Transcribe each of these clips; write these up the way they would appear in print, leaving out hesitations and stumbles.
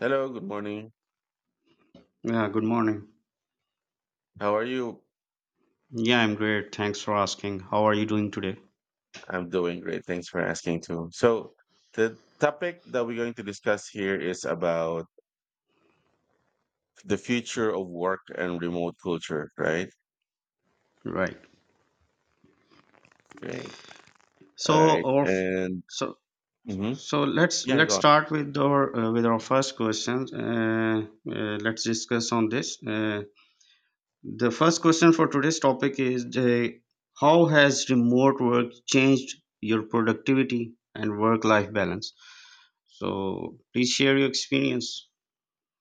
Hello, good morning. Yeah, good morning. How are you? Yeah, I'm great. Thanks for asking. How are you doing today? I'm doing great. Thanks for asking too. So, the topic that we're going to discuss here is about the future of work and remote culture, right? Right. Great. So, All right. our f- And so mhm, so let's yeah, go on. start with our first question. Let's discuss on this. The first question for today's topic is how has remote work changed your productivity and work life balance? So, please share your experience.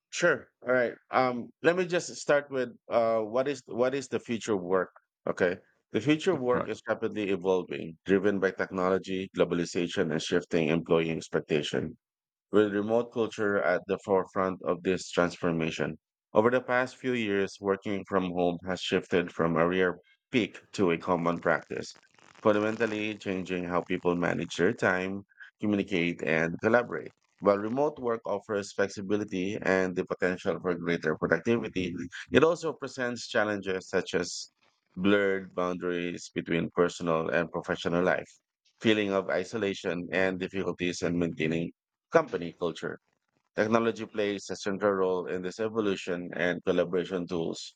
Sure. All right. Let me just start with what is the future of work? Okay. The future of work Right. is rapidly evolving, driven by technology, globalization, and shifting employee expectation, with remote culture at the forefront of this transformation. Over the past few years, working from home has shifted from a rare peak to a common practice, fundamentally changing how people manage their time, communicate, and collaborate. While remote work offers flexibility and the potential for greater productivity, it also presents challenges such as blurred boundaries between personal and professional life, feeling of isolation, and difficulties in maintaining company culture. Technology plays a central role in this evolution, and collaboration tools,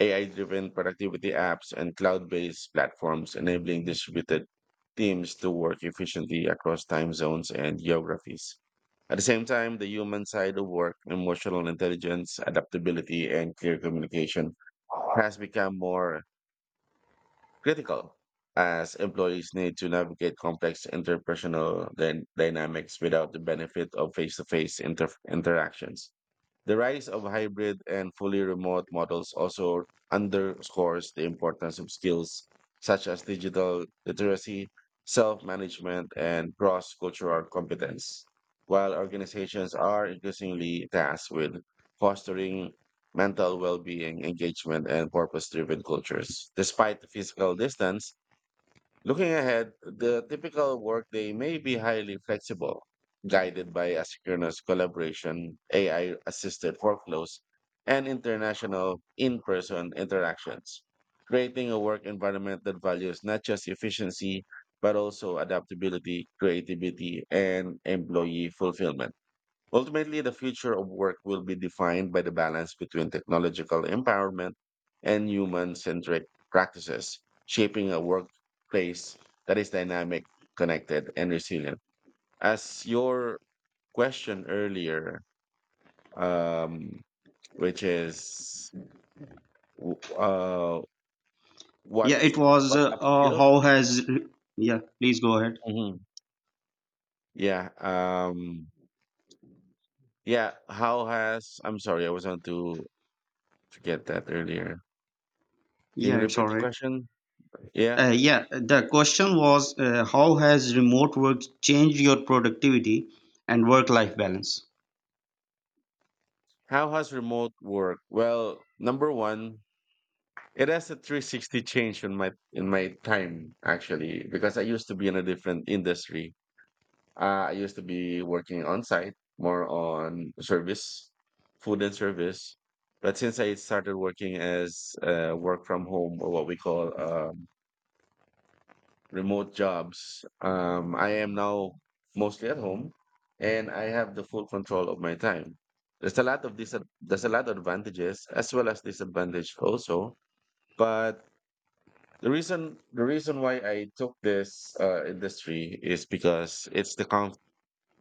AI driven productivity apps, and cloud based platforms enabling distributed teams to work efficiently across time zones and geographies. At the same time, the human side of work, emotional intelligence, adaptability, and clear communication has become more critical as employees need to navigate complex interpersonal dynamics without the benefit of face-to-face interactions. The rise of hybrid and fully remote models also underscores the importance of skills such as digital literacy, self management, and cross cultural competence, while organizations are increasingly tasked with fostering mental well being, engagement, and purpose driven cultures, despite physical distance. Looking ahead, the typical workday may be highly flexible, guided by asynchronous collaboration, AI assisted workflows, and international in person interactions, creating a work environment that values not just efficiency, but also adaptability, creativity, and employee fulfillment. Ultimately, the future of work will be defined by the balance between technological empowerment and human centric practices, shaping a workplace that is dynamic, connected, and resilient. As your question earlier, um, which is w- uh, Yeah, what it was what upskill? how has re- Yeah, please go ahead. Mhm. Yeah, yeah. How has? I'm sorry, I was on to forget that earlier. Can you Yeah, it's repeat all the right. question? Yeah. Yeah, the question was how has remote work changed your productivity and work life balance? How has remote work? Well, number one, it has a 360 change in my time actually because I used to be in a different industry. I used to be working on site, more on service, food and service. But since I started working as work from home, or what we call remote jobs. I am now mostly at home, and I have the full control of my time. There's a lot of dis- there's a lot of advantages as well as disadvantage also. But the reason why I took this industry is because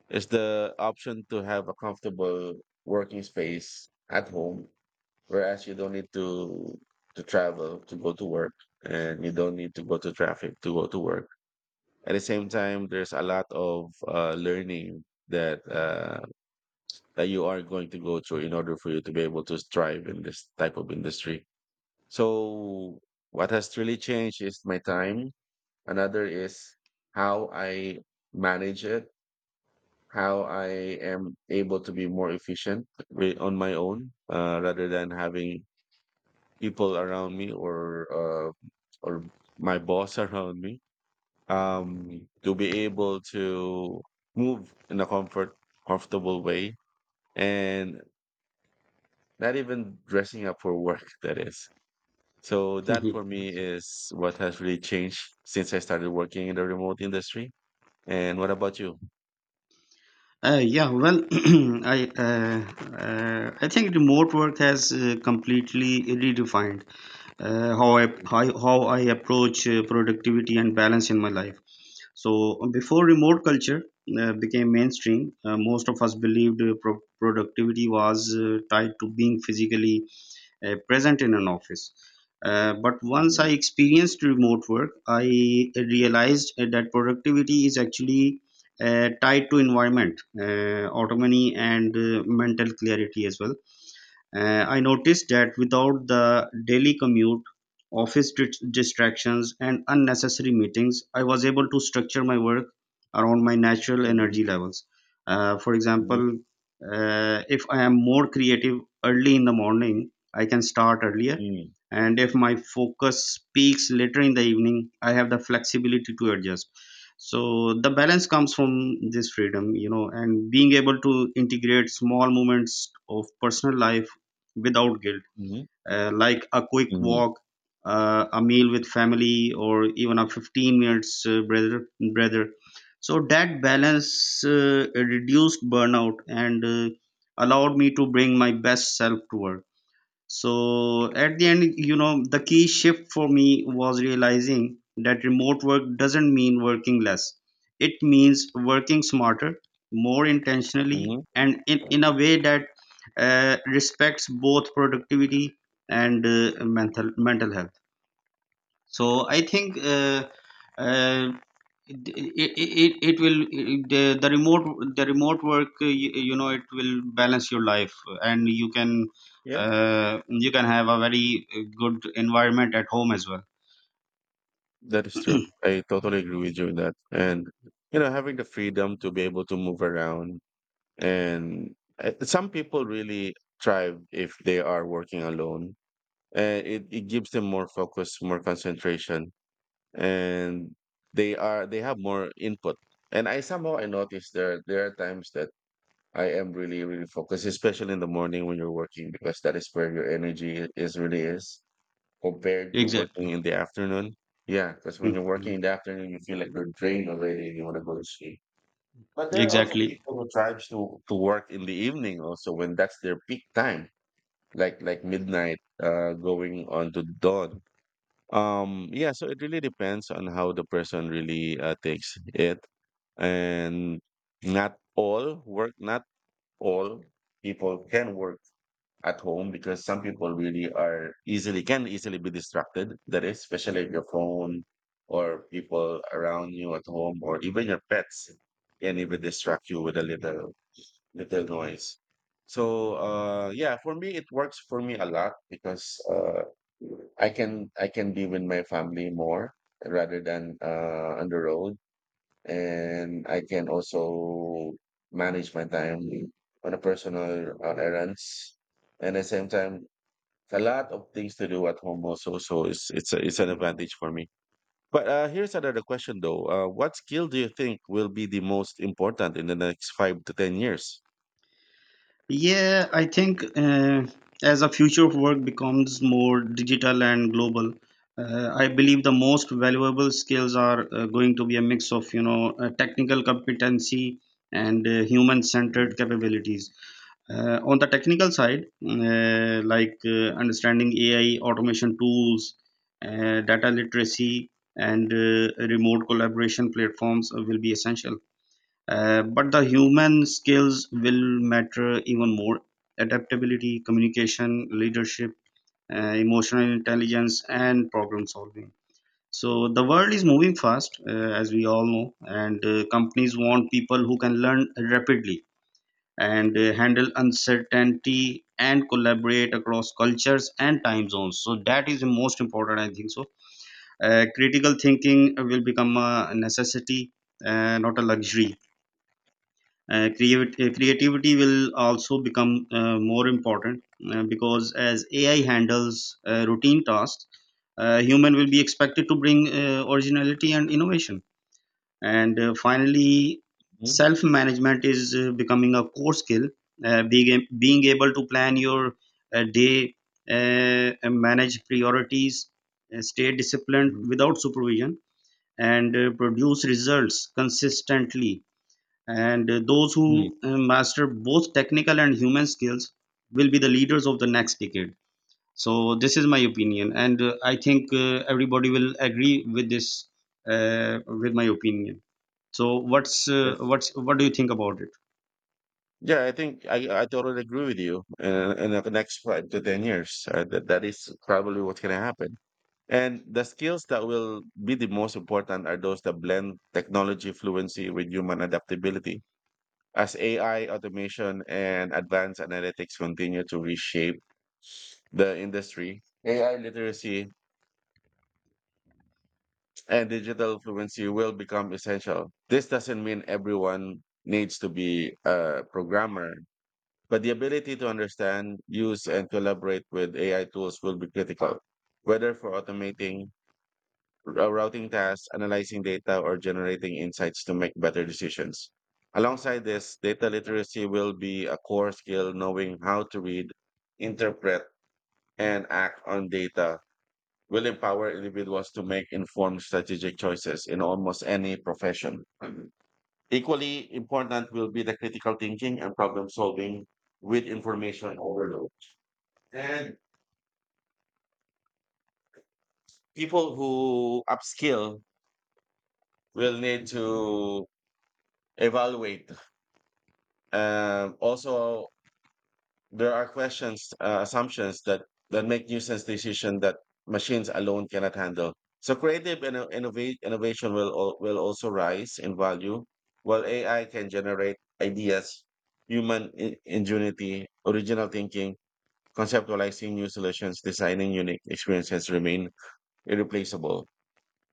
it's the option to have a comfortable working space at home, whereas you don't need to travel to go to work, and you don't need to go to traffic to go to work. At the same time, there's a lot of learning that that you are going to go through in order for you to be able to strive in this type of industry. So what has really changed is my time. Another is how I manage it, how I am able to be more efficient on my own, rather than having people around me, or my boss around me, to be able to move in a comfortable way, and not even dressing up for work, that is. So that for me is what has really changed since I started working in the remote industry. And what about you? Yeah, well, I uh, I think remote work has completely redefined uh, how I Mm, how, how I approach productivity and balance in my life. So before remote culture became mainstream, most of us believed uh, productivity was tied to being physically present in an office. But once mhm, I experienced remote work, I realized that productivity is actually tied to environment, autonomy, and mental clarity as well. I noticed that without the daily commute, distractions, and unnecessary meetings, I was able to structure my work around my natural energy levels. For mhm, example, if I am more creative early in the morning, I can start earlier. mhm, And if my focus peaks later in the evening, I have the flexibility to adjust. So the balance comes from this freedom, you know, and being able to integrate small moments of personal life without guilt, mhm, like a quick mhm, mhm, walk, a meal with family, or even a 15 minutes brother. Breather. So that balance reduced burnout and allowed me to bring my best self to work. So at the end, you know, the key shift for me was realizing that remote work doesn't mean working less. It means working smarter, more intentionally, mhm. and in a way that respects both productivity and uh, mental health. So I think uh, it will, the, the remote the remote work, you know, it will balance your life, and Yeah, you can have a very good environment at home as well. that is true. I totally agree with you in that. And, having the freedom to be able to move around, and some people really thrive if they are working alone. It gives them more focus, more concentration, and they have more input. And I somehow I notice there are times that I am really focused, especially in the morning when you're working, because that is where your energy is really is, compared to working Exactly. in the afternoon. Yeah, because when you're working Mhm. in the afternoon you feel like you're drained already and you want to go to sleep. But there are also Exactly. people who tries to work in the evening also when that's their peak time, like midnight, going on to dawn. Yeah, so it really depends on how the person really takes it, and not all people can work at home, because some people really are easily can easily be distracted. That is, especially if your phone or people around you at home, or even your pets, can even distract you with a little with the noise. So yeah, for me it works for me a lot because I can be with my family more rather than on the road, and I can also manage my time on a personal, on errands, and at the same time a lot of things to do at home also. So it's an advantage for me. But here's another question though. What skill do you think will be the most important in the next 5 to 10 years? Yeah, I think as a future of work becomes more digital and global, I believe the most valuable skills are going to be a mix of, you know, technical competency and Mhm. human-centered capabilities. On the technical side, understanding AI, automation tools, data literacy, and remote collaboration platforms will be essential. But the human skills will matter even more. Adaptability, communication, leadership, emotional intelligence, and problem solving. So the world is moving fast, as we all know, and companies want people who can learn rapidly and handle uncertainty and collaborate across cultures and time zones. So that is the most important, I think so. Critical thinking will become a necessity, not a luxury. Creativity will also become more important because as AI handles routine tasks, human will be expected to bring originality and innovation. And finally, self management is becoming a core skill. Being able to plan your day, and manage priorities, stay disciplined Mhm. without supervision, and produce results consistently, and those Mm, who master both technical and human skills will be the leaders of the next decade. So this is my opinion, and I think everybody will agree with this, with my opinion. So That's what's what do you think about yeah. I think I totally agree with you. In the next 5 to 10 years, that is probably what's gonna happen. And the skills that will be the most important are those that blend technology fluency with human adaptability. As AI, automation, and advanced analytics continue to reshape the industry, AI literacy and digital fluency will become essential. This doesn't mean everyone needs to be a programmer, but the ability to understand, use, and collaborate with AI tools will be critical, whether for automating routing tasks, analyzing data, or generating insights to make better decisions. Alongside this, data literacy will be a core skill. Knowing how to read, interpret, and act on data will empower individuals to make informed strategic choices in almost any profession. Equally important will be the critical thinking and problem solving with information overload. And people who upskill will need to evaluate. Also, there are questions, assumptions that make nuisance decision that machines alone cannot handle. So creative and innovation will also rise in value, while AI can generate ideas, human ingenuity, original thinking, conceptualizing new solutions, designing unique experiences remain irreplaceable.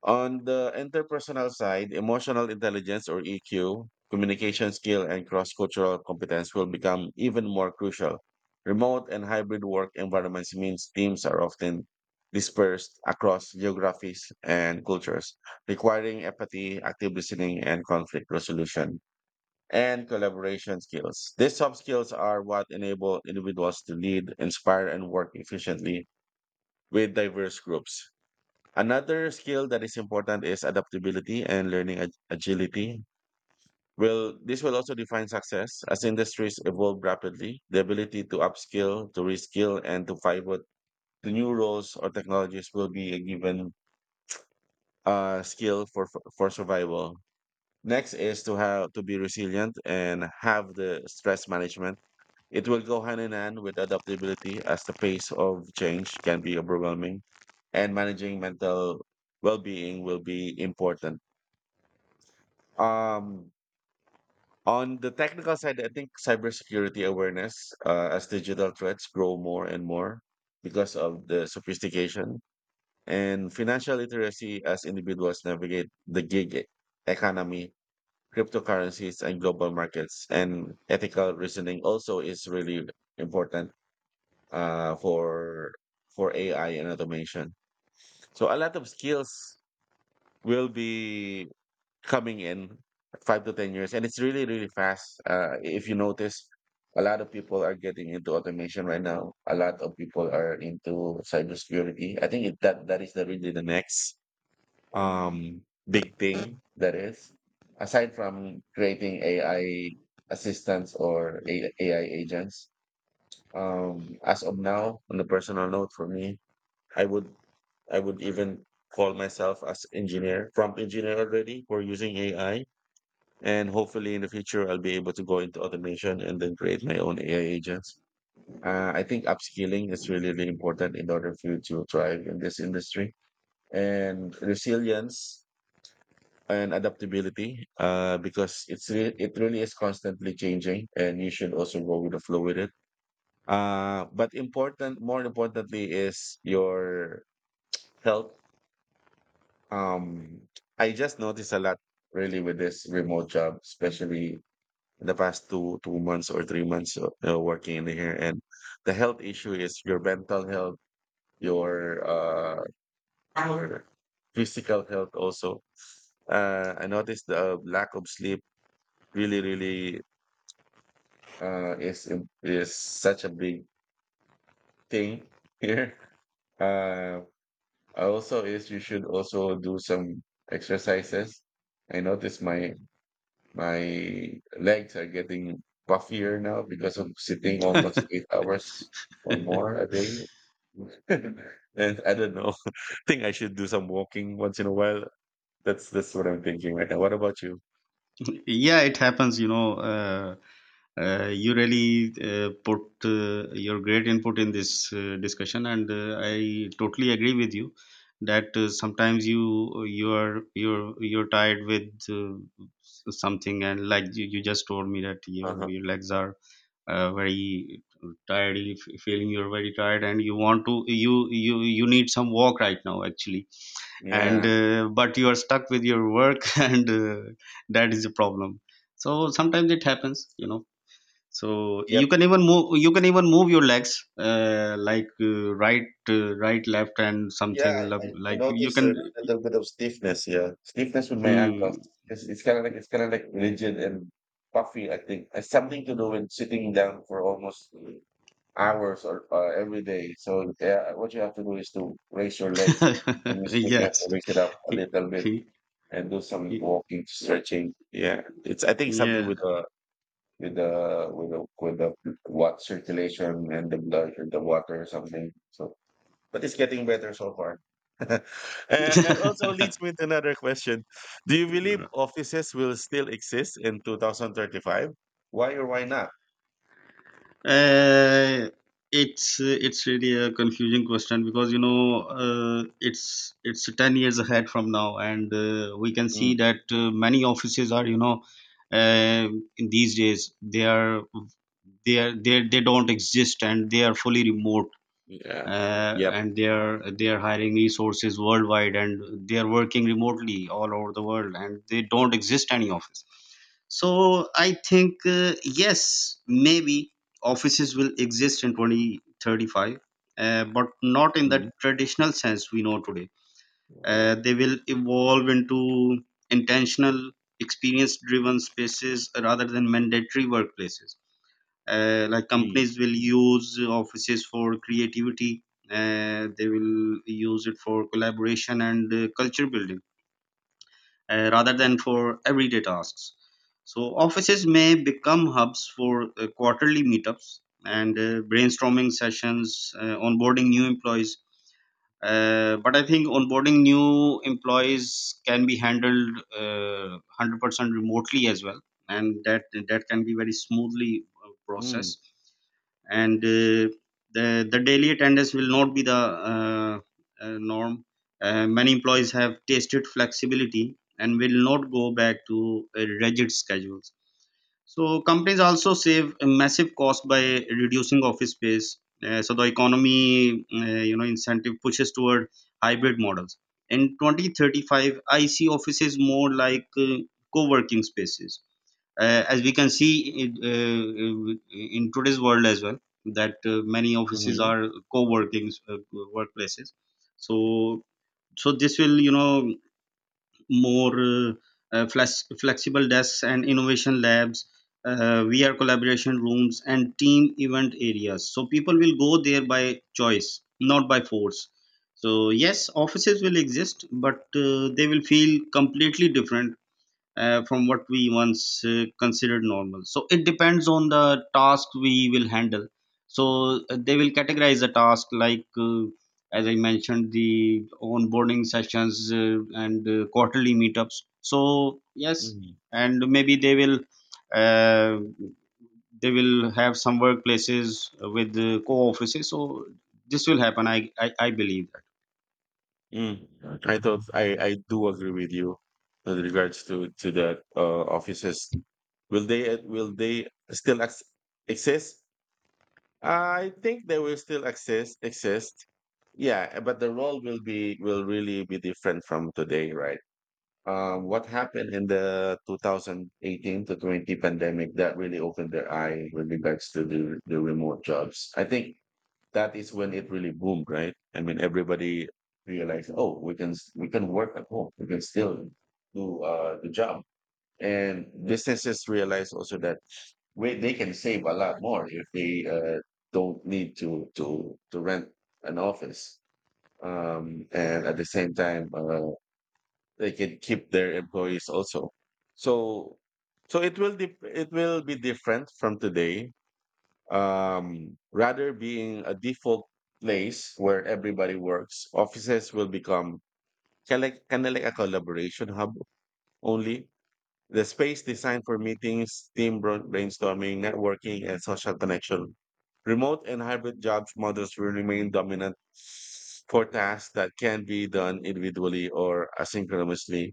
On the interpersonal side, emotional intelligence or EQ, communication skill, and cross cultural competence will become even more crucial. Remote and hybrid work environments means teams are often dispersed across geographies and cultures, requiring empathy, active listening, and conflict resolution and collaboration skills. These soft skills are what enable individuals to lead, inspire, and work efficiently with diverse groups. Another skill that is important is adaptability and learning agility. Well, this will also define success as industries evolve rapidly. The ability to upskill, to reskill, and to pivot to new roles or technologies will be a given skill for survival. Next is to have to be resilient and have the stress management. It will go hand in hand with adaptability as the pace of change can be overwhelming, and managing mental well-being will be important. Um, on the technical side, I think cybersecurity awareness, as digital threats grow more and more because of the sophistication, and financial literacy as individuals navigate the gig economy, cryptocurrencies, and global markets. And ethical reasoning also is really important for AI and automation. So a lot of skills will be coming in 5 to 10 years, and it's really fast if you notice. A lot of people are getting into automation right now, a lot of people are into cybersecurity. I think it, that that is the really the next um big thing that is, aside from creating AI assistants or AI agents. As of now, on the personal note, for me, I would I would even call myself as engineer, prompt engineer already, for using AI. And hopefully in the future, I'll be able to go into automation and then create my own AI agents. I think upskilling is really important in order for you to thrive in this industry, and resilience and adaptability, because it really is constantly changing and you should also go with the flow with it. But important, more importantly, is your health. Um, I just noticed a lot really with this remote job, especially in the past two months or 3 months working in here, and the health issue is your mental health, your your physical health also. I noticed the lack of sleep, really, really, is such a big thing here. uh Also is you should also do some exercises. I noticed my legs are getting puffier now because of sitting almost it? 8 hours or more a day. And I don't know. I think I should do some walking once in a while. That's what I'm thinking right now. What about you? Yeah, it happens. You know, you really put your great input in this discussion, and I totally agree with you that sometimes you're tired with something, and like you just told me that your Uh-huh. your legs are very tired, you feeling you're very tired and you want to, you need some walk right now actually, and Yeah. But you are stuck with your work and that is the problem. So sometimes it happens, you know. So you Yep. can even move, you can even move your legs right, right left and Yeah, something I, I I like you noticed can. a little bit of stiffness. Yeah, stiffness with my ankles. Hmm. It's kind of like rigid and puffy. I think it's something to do with sitting down for almost hours or every day. So yeah, what you have to do is to raise your legs. When you sleep, you have to Yes. raise it up a little bit and do some walking, stretching. Yeah, it's I think something Yeah. with the with the with the with the what circulation and the blood and the water or something. So, but it's getting better so far. And also leads me to another question. Do you believe offices will still exist in 2035? Why or why not? Uh, it's really a confusing question because, you know, it's 10 years ahead from now and we can Mm, see that many offices are, you know, uh, in these days they are, they don't exist and they are fully remote, yeah. Yep. and they're hiring resources worldwide and they're working remotely all over the world and they don't exist any office. So I think, yes, maybe offices will exist in 2035, but not in the Mhm. traditional sense we know today. They will evolve into intentional experience driven spaces rather than mandatory workplaces. Like, Mm. companies will use offices for creativity, they will use it for collaboration and culture building rather than for everyday tasks. So offices may become hubs for quarterly meetups and brainstorming sessions, onboarding new employees, but I think onboarding new employees can be handled 100% remotely as well, and that can be very smoothly Mm, processed. And the daily attendance will not be the uh, norm. Many employees have tasted flexibility and will not go back to rigid schedules. So companies also save a massive cost by reducing office space. So the economy, you know, incentive pushes toward hybrid models. In 2035, I see offices more like co-working spaces. As we can see in today's world as well, that many offices mhm, are co-working workplaces. So, so this will, you know, more uh, flexible desks and innovation labs, VR collaboration rooms, and team event areas. So people will go there by choice, not by force. So yes, offices will exist, but they will feel completely different from what we once considered normal. So it depends on the task we will handle. So they will categorize the task like, as I mentioned, the onboarding sessions and quarterly meetups. So yes, mhm, and maybe they will. Uh, they will have some workplaces with co-offices, so this will happen, I believe that. mm. I thought I do agree with you with regards to that offices. Will they still ex exist? I think they will still exist. Yeah, but the role will really be different from today, right? What happened in the 2018 to 20 pandemic that really opened their eye with regards to the remote jobs. I think that is when it really boomed, right? I mean, everybody realized, oh, we can work at home, we can still do the job, and businesses realize also that they can save a lot more if they don't need to rent an office, and at the same time they can keep their employees also. So so it will be different from today, rather being a default place where everybody works. Offices will become kind of like a collaboration hub only. The space designed for meetings, team brainstorming, networking, and social connection. Remote and hybrid jobs models will remain dominant for tasks that can be done individually or asynchronously,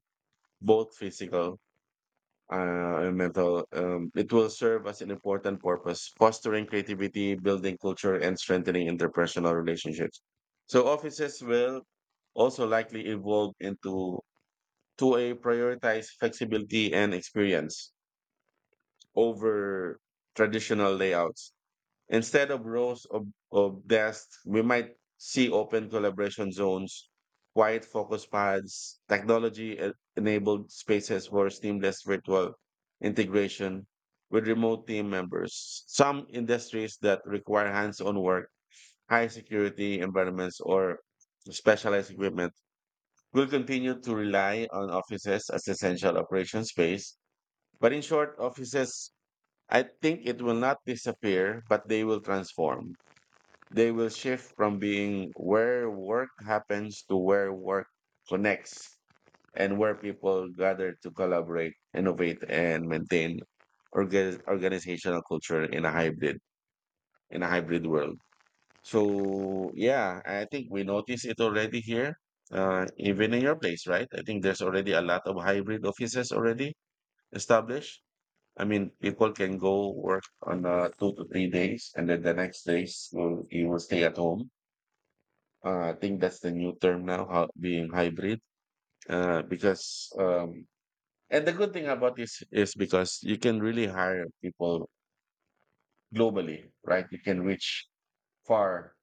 both physical and mental. It will serve as an important purpose, fostering creativity, building culture, and strengthening interpersonal relationships. So offices will also likely evolve into to a prioritize flexibility and experience over traditional layouts. Instead of rows of desks, we might see open collaboration zones, quiet focus pads, technology enabled spaces for seamless virtual integration with remote team members. Some industries that require hands on work, high security environments, or specialized equipment will continue to rely on offices as essential operation space. But in short, offices, I think it will not disappear, but they will transform. They will shift from being where work happens to where work connects, and where people gather to collaborate, innovate, and maintain organizational culture in a hybrid world. So yeah, I think we notice it already here, even in your place, right? I think there's already a lot of hybrid offices already established. I mean, people can go work on 2 to 3 days, and then the next days you will stay at home. I think that's the new term now, how, being hybrid. Because And the good thing about this is because you can really hire people globally, right? You can reach far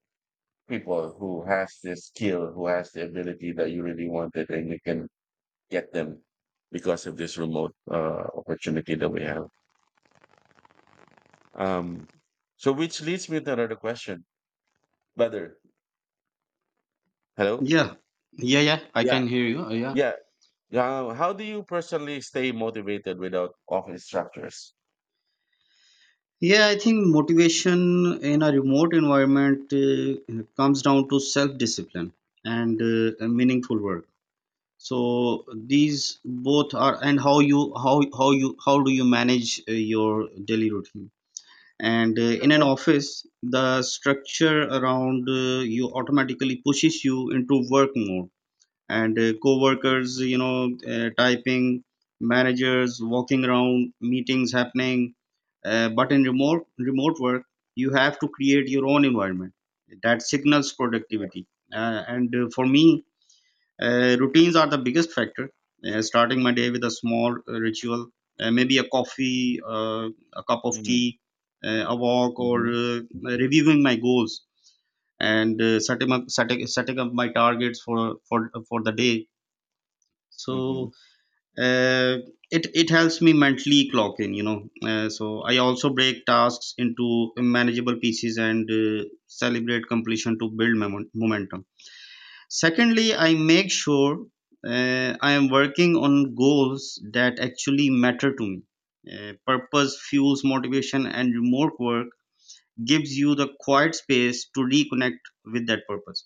people who has this skill, who has the ability that you really wanted, and you can get them because of this remote opportunity that we have. Um, so which leads me to another question. Brother. Hello, Yeah. Yeah, I yeah, can hear you. Yeah. yeah. Yeah, how do you personally stay motivated without office structures? Yeah, I think motivation in a remote environment comes down to self discipline and meaningful work. So these both are, and how you how do you manage your daily routine? And in an office, the structure around you automatically pushes you into work mode and Mhm, co-workers, you know, typing, managers walking around, meetings happening, but in remote work you have to create your own environment that signals productivity. And For me, routines are the biggest factor. Starting my day with a small ritual, maybe a coffee, a cup of mhm, tea, a walk, or mhm, reviewing my goals and setting up my targets for the day. mhm, So uh, it helps me mentally clock in, you know. So I also break tasks into manageable pieces and celebrate completion to build momentum. Secondly, I make sure I am working on goals that actually matter to me. Purpose fuels motivation, and remote work gives you the quiet space to reconnect with that purpose.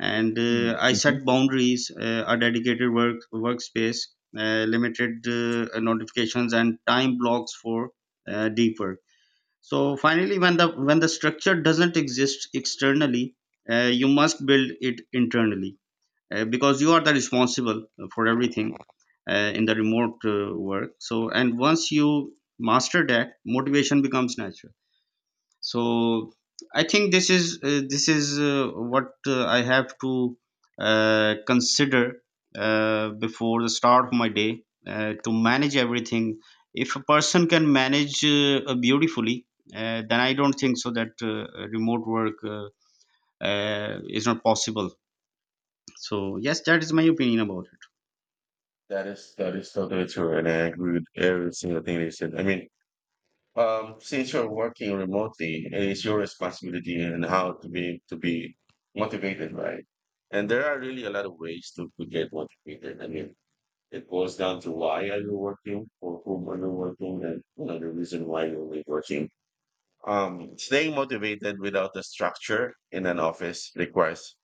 And mm, I mhm. set boundaries, a dedicated work workspace, limited notifications, and time blocks for deep work. So finally, when the structure doesn't exist externally, you must build it internally, because you are the responsible for everything in the remote work. So, and once you master that, motivation becomes natural. So I think this is what I have to consider before the start of my day to manage everything. If a person can manage beautifully, then I don't think so that remote work is not possible. So yes, that is my opinion about it. That is totally true, and I agree with every single thing they said. I mean, since you're working remotely, it's your responsibility and how to be motivated, right? And there are really a lot of ways to get motivated. I mean, it boils down to why are you working, for whom are you working, and you know the reason why you're only working. Staying motivated without a structure in an office requires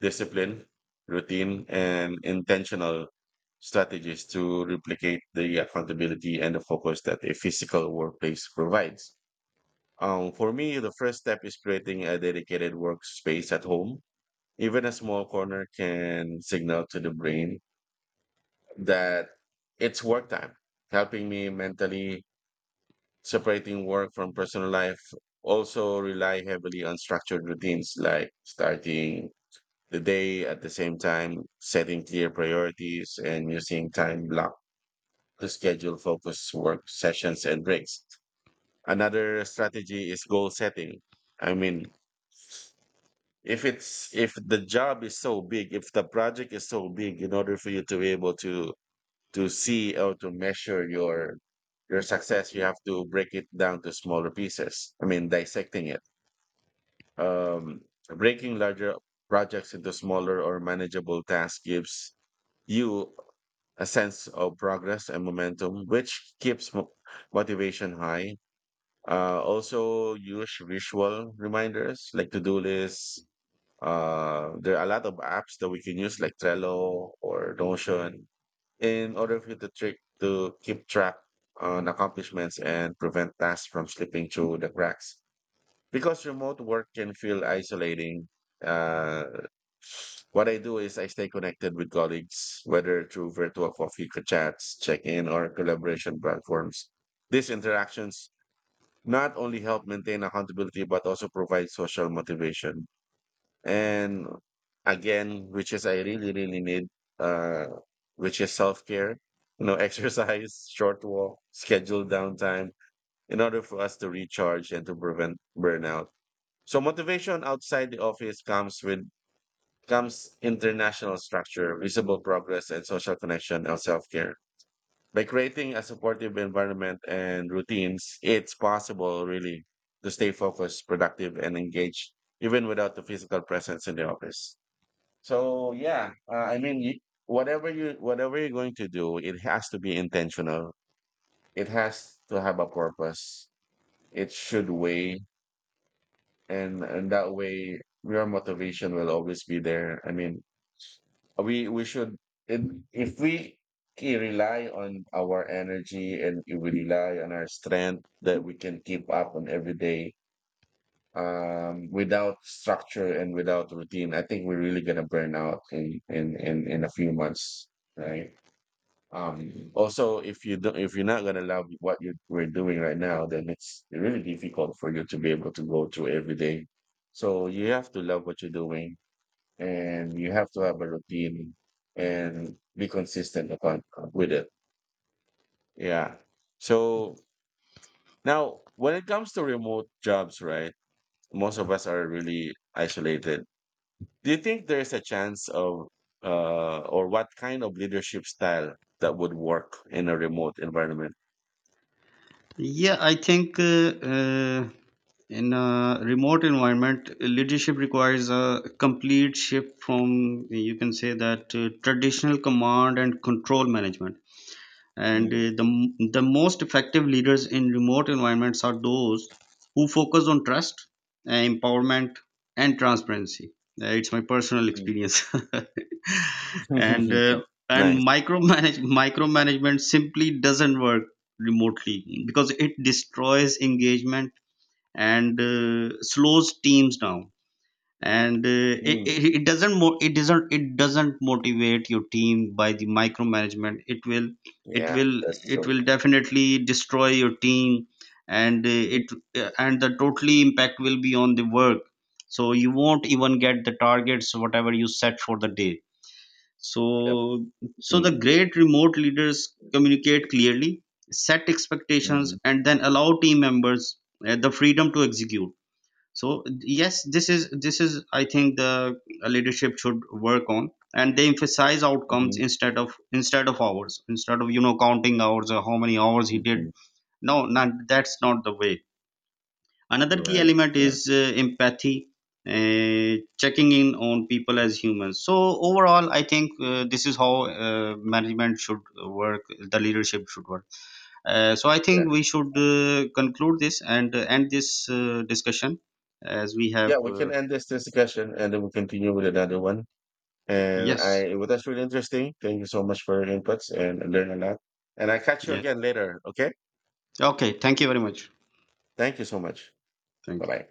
discipline, routine, and intentional strategies to replicate the accountability and the focus that a physical workplace provides. For me, the first step is creating a dedicated workspace at home. Even a small corner can signal to the brain that it's work time, helping me mentally separating work from personal life. Also, rely heavily on structured routines like starting the day at the same time, setting clear priorities, and using time block to schedule focus work sessions and breaks. Another strategy is goal setting. I mean, if the job is so big, if the project is so big, in order for you to be able to see or to measure your success, you have to break it down to smaller pieces. I mean, dissecting it. Um, Breaking larger projects into smaller or manageable tasks gives you a sense of progress and momentum, which keeps motivation high. Also, use visual reminders like to do lists. There are a lot of apps that we can use, like Trello or Notion, in order for the trick to keep track on accomplishments and prevent tasks from slipping through the cracks. Because remote work can feel isolating, uh, what I do is I stay connected with colleagues, whether through virtual coffee chats, check-in, or collaboration platforms. These interactions not only help maintain accountability but also provide social motivation. And again, which is I really, really need, uh, which is self-care, exercise, short walk, scheduled downtime in order for us to recharge and to prevent burnout. So motivation outside the office comes international structure, visible progress, and social connection of self care. By creating a supportive environment and routines, it's possible really to stay focused, productive, and engaged even without the physical presence in the office. So yeah, I mean, whatever you're going to do, it has to be intentional. It has to have a purpose. It should weigh, and that way, your motivation will always be there. I mean, we should if, if we ke- rely on our energy, and if we rely on our strength, that we can keep up on every day without structure and without routine. I think we're really gonna burn out in a few months, right? Also, if you're not gonna love what you we're doing right now, then it's really difficult for you to be able to go through every day. So you have to love what you're doing, and you have to have a routine and be consistent upon with it. Yeah. So now, when it comes to remote jobs, right? Most of us are really isolated. Do you think there is a chance of, or what kind of leadership style that would work in a remote environment? Yeah, I think uh, in a remote environment, leadership requires a complete shift from, you can say that, traditional command and control management. And Mm, the most effective leaders in remote environments are those who focus on trust, empowerment, and transparency. It's my personal mm. experience. and Nice. Micromanagement simply doesn't work remotely because it destroys engagement and slows teams down, and it, Mm. it, it doesn't mo- it doesn't motivate your team. By the micromanagement, it will, Yeah, that's it true. will definitely destroy your team, and Mm. it and the totally impact will be on the work. So you won't even get the targets whatever you set for the day. Yep. So so the Mm. great remote leaders communicate clearly, set expectations, Hmm, and then allow team members the freedom to execute. So yes, this is, I think, the leadership should work on, and they emphasize outcomes hmm, instead of, hours, instead of, you know, counting hours or how many hours he hmm. did. No, not, that's not the way. Another key Right. element Right. is empathy, checking in on people as humans. So overall I think this is how management should work, the leadership should work. So I think we Yes. should conclude this and end this discussion as we have Yeah, we can end this discussion and then we'll continue with another one. And Yes. I, well, that's really interesting. Thank you so much for your inputs and I learned a lot. And I catch you Yeah. again later. Okay. Okay. Thank you very much. Thank you so much. Bye Thank you. bye.